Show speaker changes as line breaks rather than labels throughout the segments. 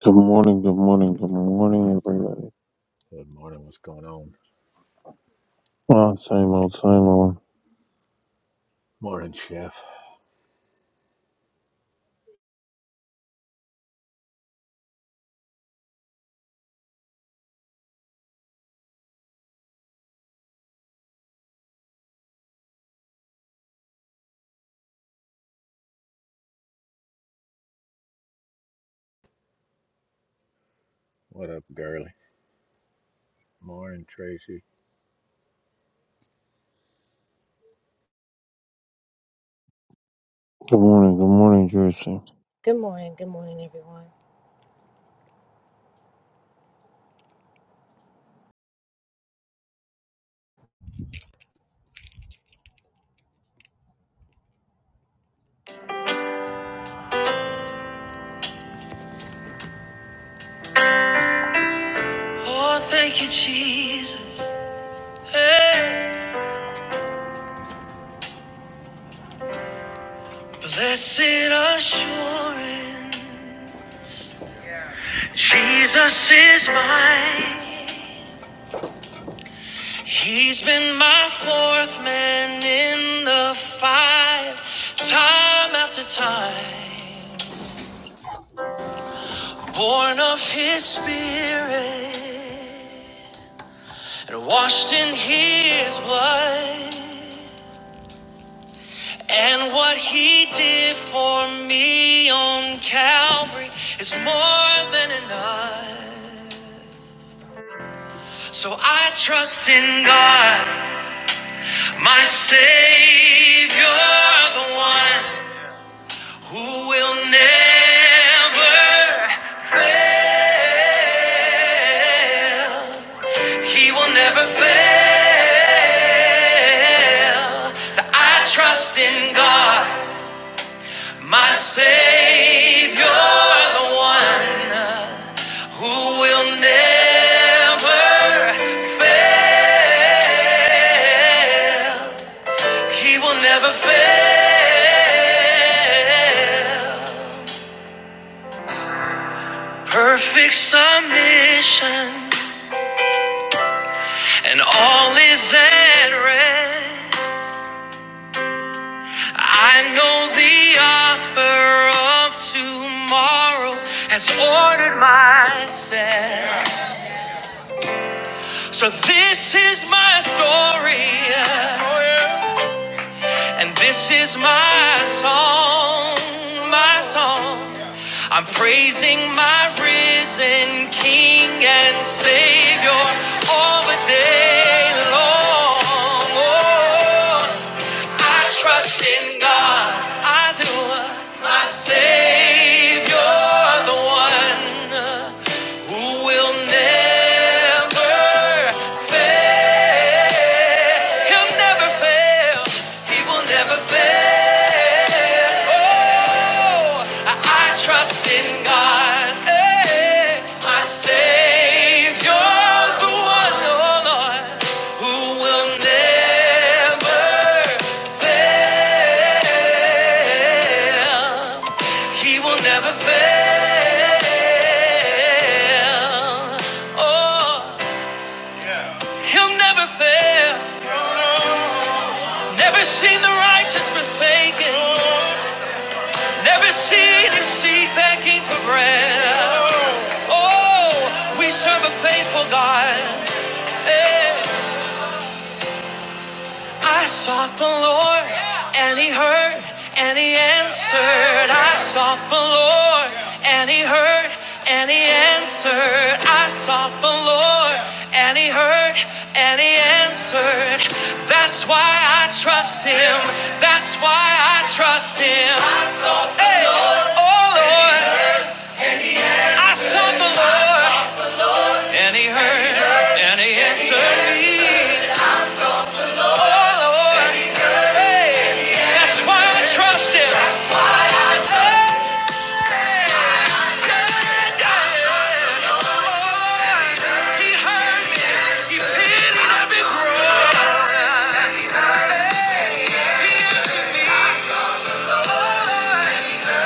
Good morning, good morning, good morning, everybody.
Good morning. What's going on?
Ah, same old, same old.
Morning, Chef. What up, girly? Morning, Tracy.
Good morning, good morning, Jason.
Oh, thank you, Jesus. Hey. Blessed assurance. Jesus is mine. He's been my fourth man in the fight, time after time. Born of his spirit and washed in his blood. And what he did for me on Calvary is more than enough. So I trust in God, my Savior, the one who will never fail. He will never fail. So I trust in God, my Savior, the one who will never fail. He will never fail. Perfect submission, and all is at rest. I know the author of tomorrow has ordered my steps. So this is my story. And this is my song, my song. I'm praising my risen King and Savior all the day long. Oh, I trust in God, I do. My Savior, the one who will never fail. He'll never fail. He will never fail. Oh, I, I trust in God, eh, my Savior, the one, oh Lord, who will never fail. He will never fail. Oh, he'll never fail. Never seen the righteous forsaken. Never seen his seed begging for bread. Oh, we serve a faithful God. Hey. I sought the Lord, and He heard, and He answered. I sought the Lord, and He heard, and He answered. I sought the Lord, and He heard, and He answered. That's why I trust Him. That's why I trust Him. I sought the Hey, Lord, oh Lord, I sought the Lord, and He heard, and He answered me. Oh Lord. That's why I trust him.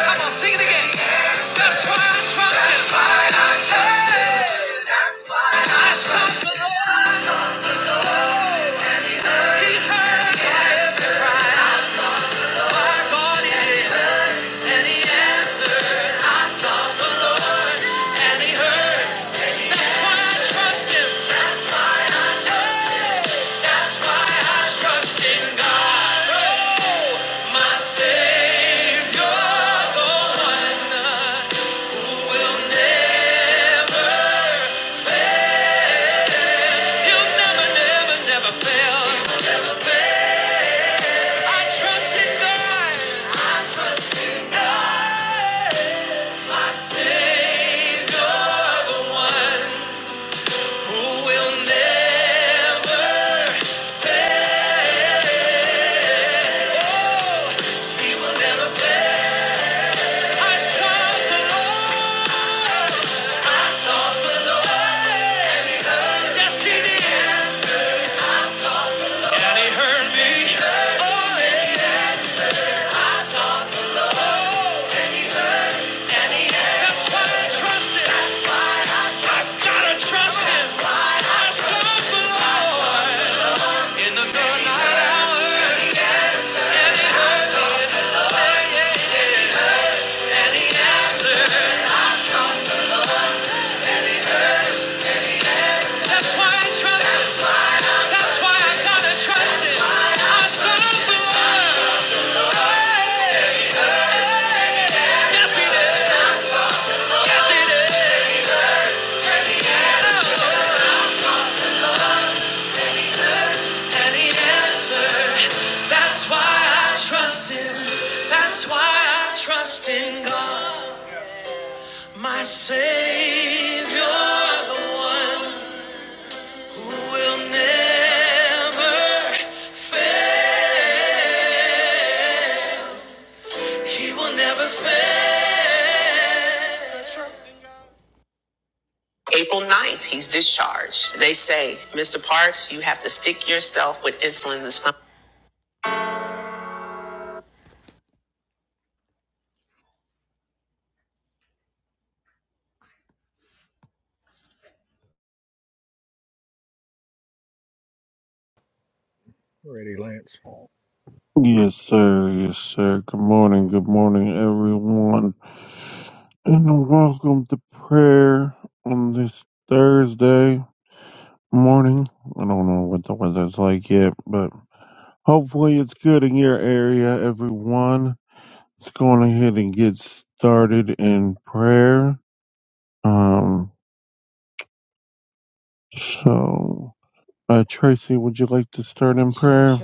Come on, sing it again. That's why I trust him. That's why I trust him. That's why I sought the Lord. He heard my every cry. My God, he heard and he answered. I sought the Lord and he heard. That's why I trust him. That's why I trust him. That's why I trust in God. Oh, my Savior, the one. That's why I trust it. I've gotta trust him. I serve the Lord in the midnight hour. And he answers. That's why I trust him. That's why I gotta trust him. I serve the Lord. Yes, he did. Yes, he did. And he answered. That's why I trust him. That's why I trust in God, my Savior, the one. will never fail. He will never fail.
Ready, Lance?
Yes, sir, yes, sir. Good morning, good morning, everyone. And welcome to prayer on this Thursday morning. I don't know what the weather's like yet, but hopefully it's good in your area, everyone. Let's go on ahead and get started in prayer. Um, so, uh, Tracy, would you like to start in prayer?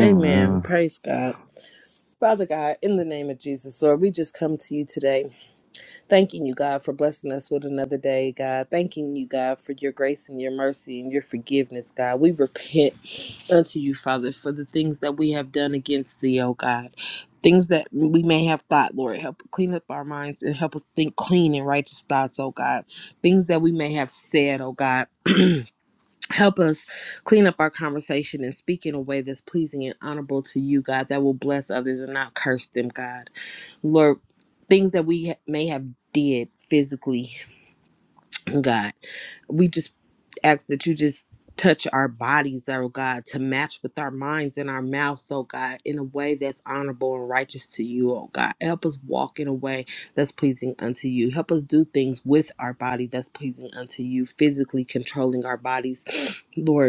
Amen. Praise God. Father God, in the name of Jesus, Lord, we just come to you today, thanking you, God, for blessing us with another day, God. Thanking you, God, for your grace and your mercy and your forgiveness, God. We repent unto you, Father, for the things that we have done against thee, oh God. Things that we may have thought, Lord, help clean up our minds and help us think clean and righteous thoughts, oh God. Things that we may have said, oh God Help us clean up our conversation and speak in a way that's pleasing and honorable to you, God, that will bless others and not curse them, God. Lord, things that we ha- may have did physically, God, we just ask that you just touch our bodies, oh God, to match with our minds and our mouths, oh God, in a way that's honorable and righteous to you, oh God. Help us walk in a way that's pleasing unto you. Help us do things with our body that's pleasing unto you, physically controlling our bodies, Lord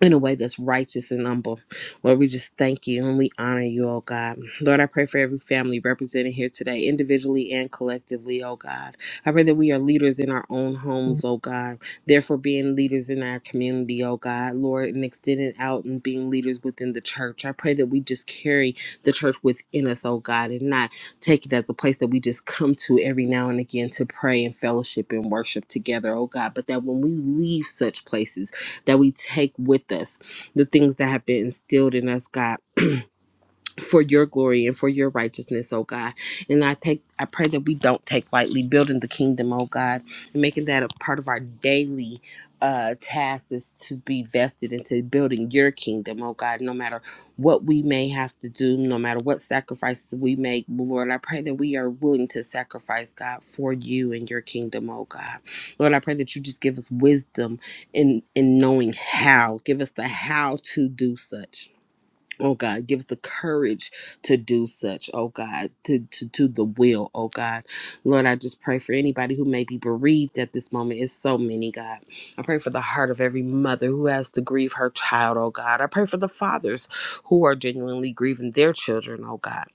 in a way that's righteous and humble. Lord, we just thank you and we honor you, oh God. Lord, I pray for every family represented here today, individually and collectively, oh God. I pray that we are leaders in our own homes, oh God. Therefore, being leaders in our community, oh God. Lord, and extending out and being leaders within the church. I pray that we just carry the church within us, oh God, and not take it as a place that we just come to every now and again to pray and fellowship and worship together, oh God. But that when we leave such places, that we take with us, the things that have been instilled in us, God for your glory and for your righteousness, oh God. And I take I pray that we don't take lightly building the kingdom, oh God, and making that a part of our daily uh task is to be vested into building your kingdom, oh God, no matter what we may have to do, no matter what sacrifices we make, Lord, I pray that we are willing to sacrifice, God, for you and your kingdom, oh God. Lord, I pray that you just give us wisdom in in knowing how. Give us the how to do such. Oh God, give us the courage to do such. Oh God, to, to do the will. Oh God, Lord, I just pray for anybody who may be bereaved at this moment. It's so many, God. I pray for the heart of every mother who has to grieve her child. Oh God, I pray for the fathers who are genuinely grieving their children. Oh God.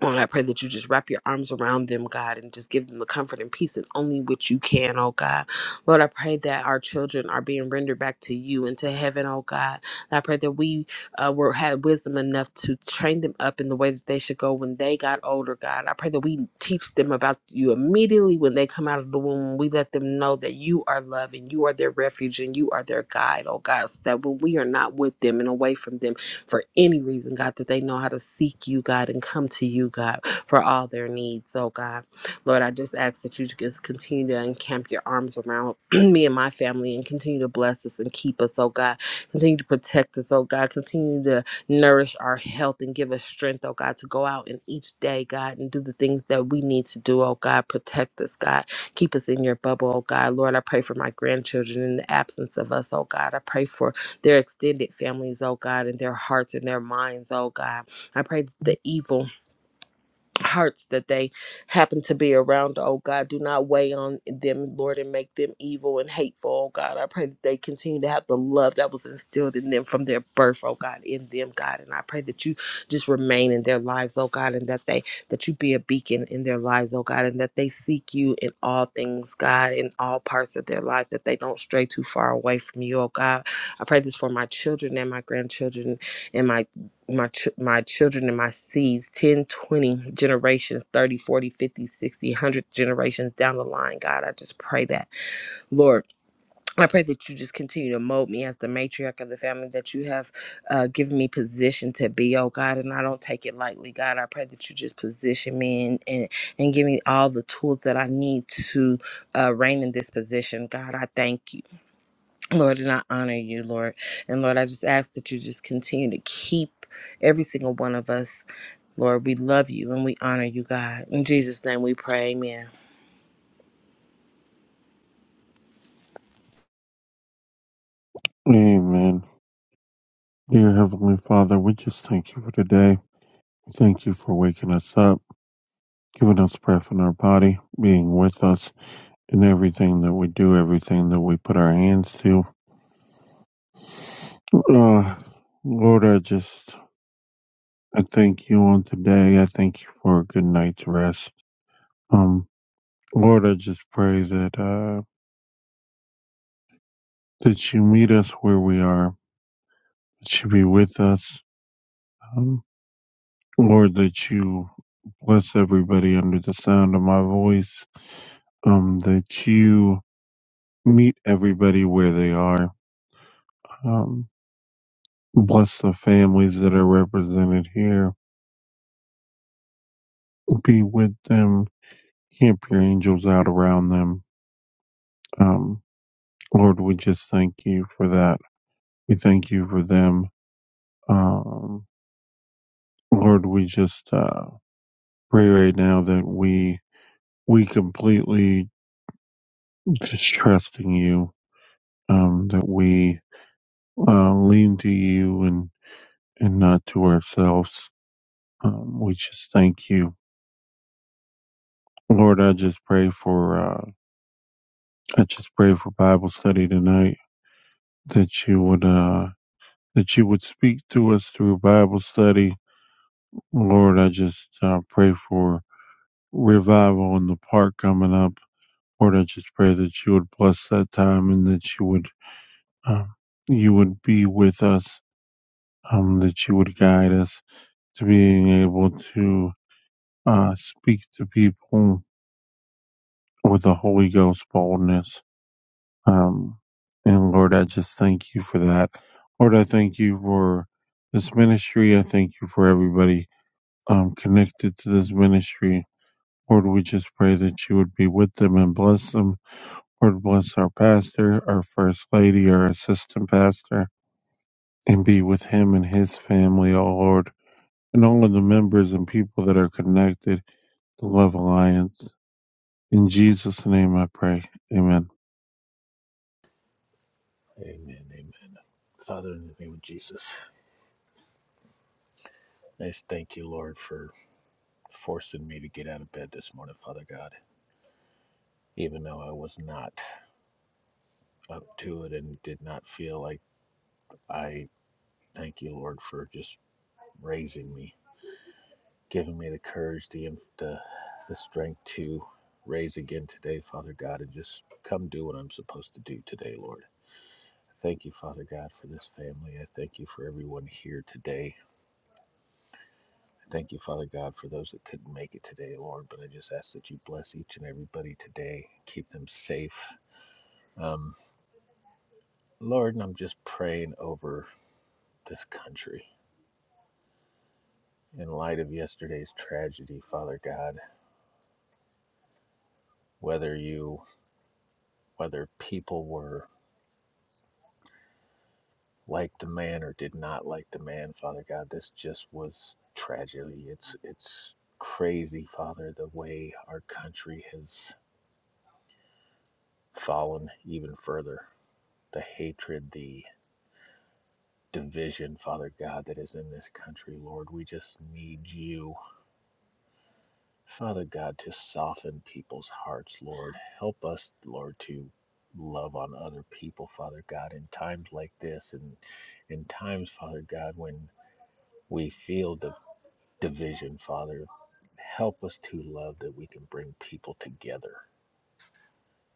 Lord, I pray that you just wrap your arms around them, God, and just give them the comfort and peace and only which you can, oh God. Lord, I pray that our children are being rendered back to you and to heaven, oh God. And I pray that we uh, were had wisdom enough to train them up in the way that they should go when they got older, God. I pray that we teach them about you immediately when they come out of the womb. We let them know that you are love and you are their refuge and you are their guide, oh God, so that when we are not with them and away from them, for any reason, God, that they know how to seek you, God, and come to you, God, for all their needs, oh God. Lord, I just ask that you just continue to encamp your arms around me and my family and continue to bless us and keep us, oh God. Continue to protect us, oh God. Continue to nourish our health and give us strength, oh God, to go out in each day, God, and do the things that we need to do, oh God. Protect us, God. Keep us in your bubble, oh God. Lord, I pray for my grandchildren in the absence of us, oh God. I pray for their extended families, oh God, and their hearts and their minds, oh God. I pray that the evil hearts that they happen to be around. Oh God, do not weigh on them, Lord, and make them evil and hateful. Oh God, I pray that they continue to have the love that was instilled in them from their birth. Oh God, in them, God, and I pray that you just remain in their lives. Oh God, and that they that you be a beacon in their lives. Oh God, and that they seek you in all things, God, in all parts of their life. That they don't stray too far away from you. Oh God, I pray this for my children and my grandchildren and my my ch- my children and my seeds 10, 20 generations 30 forty, fifty, sixty, one hundred generations down the line god i just pray that lord i pray that you just continue to mold me as the matriarch of the family that you have uh, given me position to be oh god and i don't take it lightly god i pray that you just position me and and, and give me all the tools that i need to uh, reign in this position god i thank you Lord, and I honor you, Lord. And Lord, I just ask that you just continue to keep every single one of us. Lord, we love you and we honor you, God. In Jesus' name we pray. Amen.
Amen. Dear Heavenly Father, we just thank you for today. Thank you for waking us up, giving us breath in our body, being with us in everything that we do, everything that we put our hands to. Uh, Lord, I just, I thank you on today. I thank you for a good night's rest. Um, Lord, I just pray that, uh, that you meet us where we are, that you be with us. Um, Lord, that you bless everybody under the sound of my voice, um, that you meet everybody where they are. Um, bless the families that are represented here. Be with them. Camp your angels out around them. Um, Lord, we just thank you for that. We thank you for them. Um, Lord, we just uh, pray right now that we we completely just trust in you. Um, that we uh, lean to you and, and not to ourselves. Um, we just thank you. Lord, I just pray for, uh, I just pray for Bible study tonight that you would, uh, that you would speak to us through Bible study. Lord, I just uh, pray for revival in the park coming up. Lord, I just pray that you would bless that time and that you would, um, you would be with us, um, that you would guide us to being able to uh, speak to people with a Holy Ghost boldness. Um, and Lord, I just thank you for that. Lord, I thank you for this ministry. I thank you for everybody um, connected to this ministry. Lord, we just pray that you would be with them and bless them. Lord, bless our pastor, our first lady, our assistant pastor, and be with him and his family, oh Lord, and all of the members and people that are connected to Love Alliance. In Jesus' name I pray. Amen.
Amen. Amen. Father, in the name of Jesus, I just thank you, Lord, for forcing me to get out of bed this morning, Father God. Even though I was not up to it and did not feel like I thank you, Lord, for just raising me, giving me the courage, the the, the strength to raise again today, Father God, and just come do what I'm supposed to do today, Lord. Thank you, Father God, for this family. I thank you for everyone here today. I thank you, Father God, for those that couldn't make it today, Lord. But I just ask that you bless each and everybody today, keep them safe. Um, Lord, and I'm just praying over this country in light of yesterday's tragedy, Father God. Whether you, whether people were like the man or did not like the man, Father God, this just was tragedy. It's it's crazy, Father, the way our country has fallen even further. The hatred, the division, Father God, that is in this country, Lord. We just need you, Father God, to soften people's hearts, Lord. Help us, Lord, to love on other people, Father God, in times like this and in times, Father God, when we feel the division, Father. Help us to love that we can bring people together.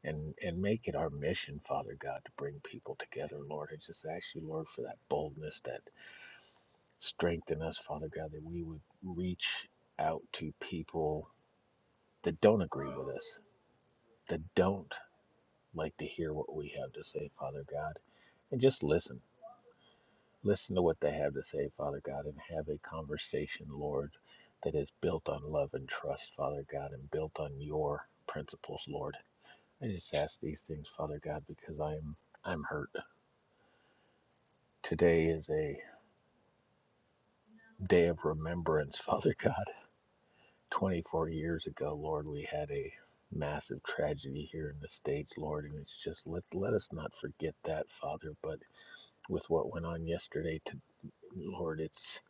and and make it our mission, Father God, to bring people together, Lord. I just ask you, Lord, for that boldness that strengthen us, Father God, that we would reach out to people that don't agree with us, that don't like to hear what we have to say, Father God, and just listen. Listen to what they have to say, Father God, and have a conversation, Lord, that is built on love and trust, Father God, and built on your principles, Lord. I just ask these things, Father God, because I am I'm hurt. Today is a day of remembrance, Father God. 24 years ago, Lord, we had a massive tragedy here in the States, Lord, and it's just let, let us not forget that, Father. But with what went on yesterday, to, Lord, it's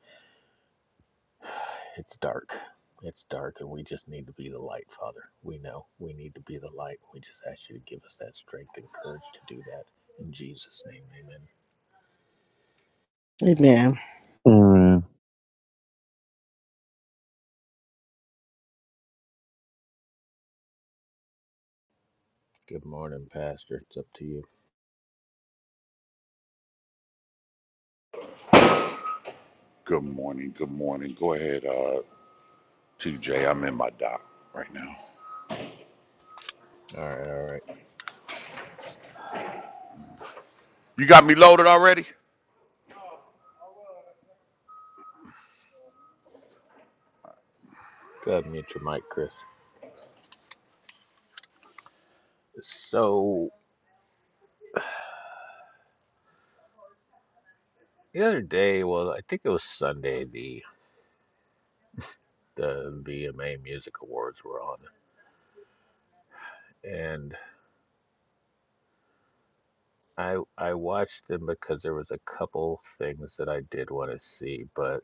it's dark. It's dark, and we just need to be the light, Father. We know we need to be the light. We just ask you to give us that strength and courage to do that. In Jesus' name, amen.
Amen.
Amen.
Good morning, Pastor. It's up to you.
Good morning. Good morning. Go ahead, uh, TJ. I'm in my dock right now.
All right, all right.
You got me loaded already?
Go ahead and mute your mic, Chris. So the other day, well, I think it was Sunday, the the VMA Music Awards were on, and I I watched them because there was a couple things that I did want to see, but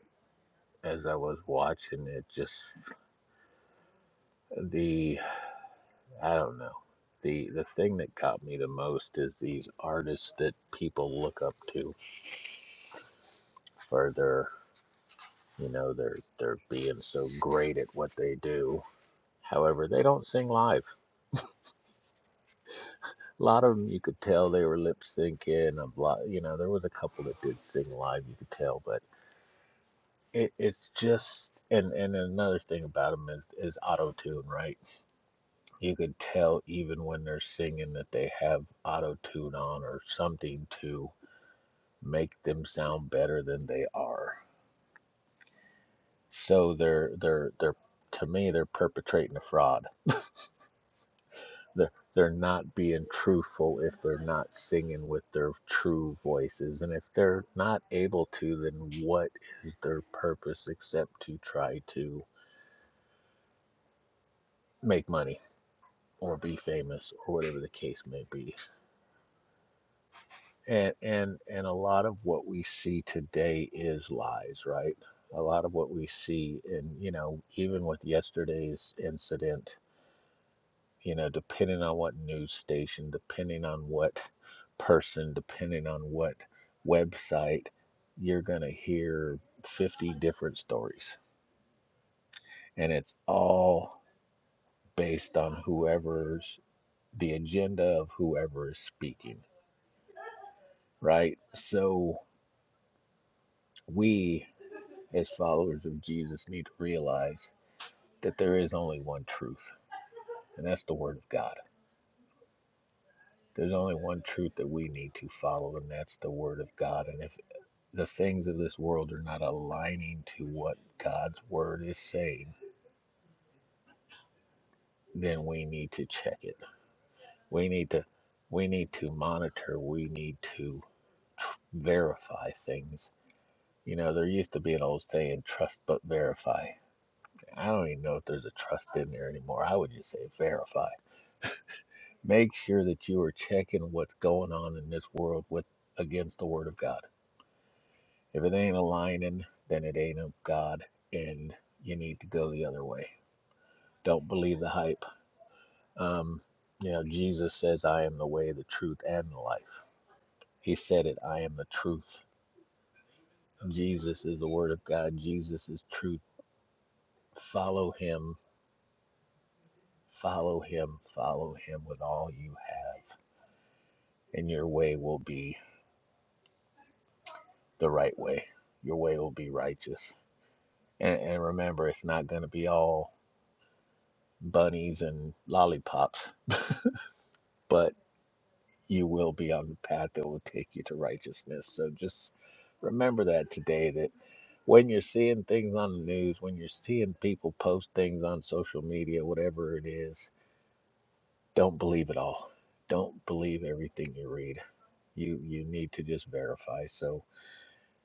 as I was watching it, just the I don't know. The, the thing that caught me the most is these artists that people look up to for their you know they're they're being so great at what they do however they don't sing live A lot of them you could tell they were lip syncing. A lot, you know, there was a couple that did sing live. You could tell, but it, it's just and and another thing about them is, is auto tune, right? You could tell even when they're singing that they have auto tune on or something to make them sound better than they are. So they're they're they're to me they're perpetrating a fraud they're they're not being truthful if they're not singing with their true voices and if they're not able to then what is their purpose except to try to make money or be famous or whatever the case may be and and and a lot of what we see today is lies right a lot of what we see and you know even with yesterday's incident you know, depending on what news station, depending on what person, depending on what website, you're going to hear 50 different stories. And it's all based on whoever's the agenda of whoever is speaking, right? So we, as followers of Jesus, need to realize that there is only one truth, and that's the Word of God. There's only one truth that we need to follow, and that's the Word of God. And if the things of this world are not aligning to what God's word is saying, then we need to check it. We need to we need to monitor, we need to tr- verify things. You know, there used to be an old saying, trust but verify. I don't even know if there's a trust in there anymore. I would just say verify. Make sure that you are checking what's going on in this world with against the word of God. If it ain't aligning, then it ain't of God and you need to go the other way Don't believe the hype. Um, you know, Jesus says, I am the way, the truth, and the life. He said it, I am the truth. Jesus is the Word of God. Jesus is truth. Follow Him, follow Him, follow Him with all you have, and your way will be the right way. Your way will be righteous. And, and remember, it's not going to be all bunnies and lollipops, but you will be on the path that will take you to righteousness. So just remember that today that. when you're seeing things on the news, when you're seeing people post things on social media, whatever it is, don't believe it all. Don't believe everything you read. You you need to just verify. So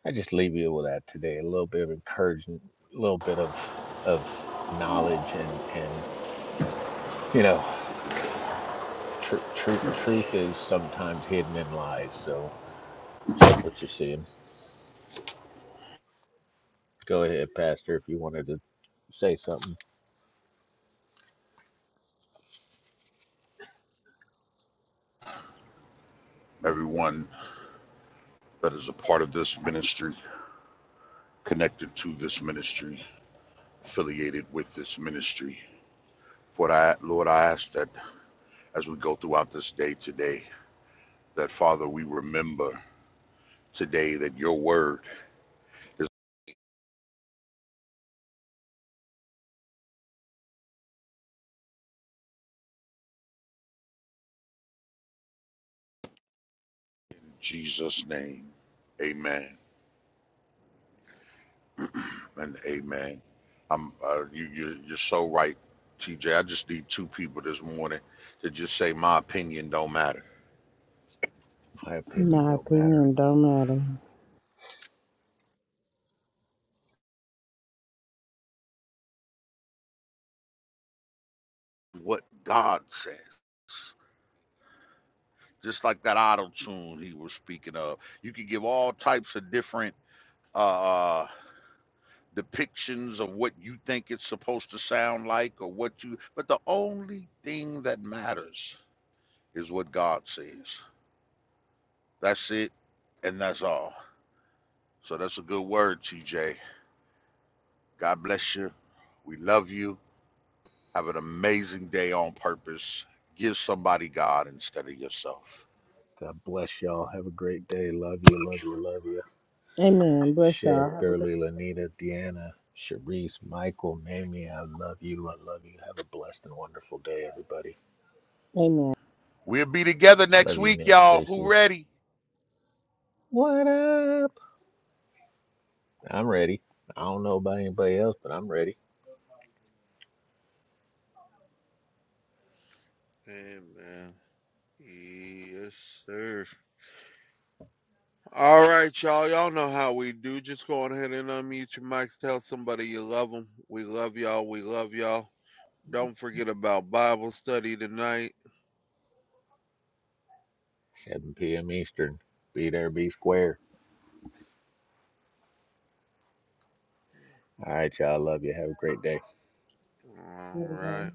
I just leave you with that today. A little bit of encouragement, a little bit of of knowledge, and and you know, tr- tr- truth is sometimes hidden in lies. So check what you're seeing. Go ahead, Pastor, if you wanted to say something.
Everyone that is a part of this ministry, connected to this ministry, affiliated with this ministry. For I, Lord, I ask that as we go throughout this day today, that Father, we remember today that your word is in Jesus' name. Amen. and amen. I'm uh, you, you you're so right, TJ. I just need two people this morning to just say my opinion don't matter.
My opinion
My
don't matter.
opinion don't matter.
What God says. Just like that auto tune he was speaking of, you could give all types of different uh, uh, depictions of what you think it's supposed to sound like or what you. But the only thing that matters is what God says. That's it, and that's all. So that's a good word, TJ God bless you. We love you. Have an amazing day on purpose. Give somebody God instead of yourself.
God bless y'all. Have a great day. Love you, love you, love you.
Amen. Bless
Chef,
y'all. Have a good.
Gurley, Lanita, Deanna, Sharice, Michael, Mamie, I love you. I love you. Have a blessed and wonderful day, everybody.
Amen.
We'll be together next
Love you,
week,
Nick,
y'all. Who
Tracy.
ready?
What up? I'm ready. I don't know about anybody else, but I'm ready.
All y'all need you love them. Y'all don't night.
7 p.m. Eastern. Be there, be square. All right, y'all. Love you. Have a great day.
All right.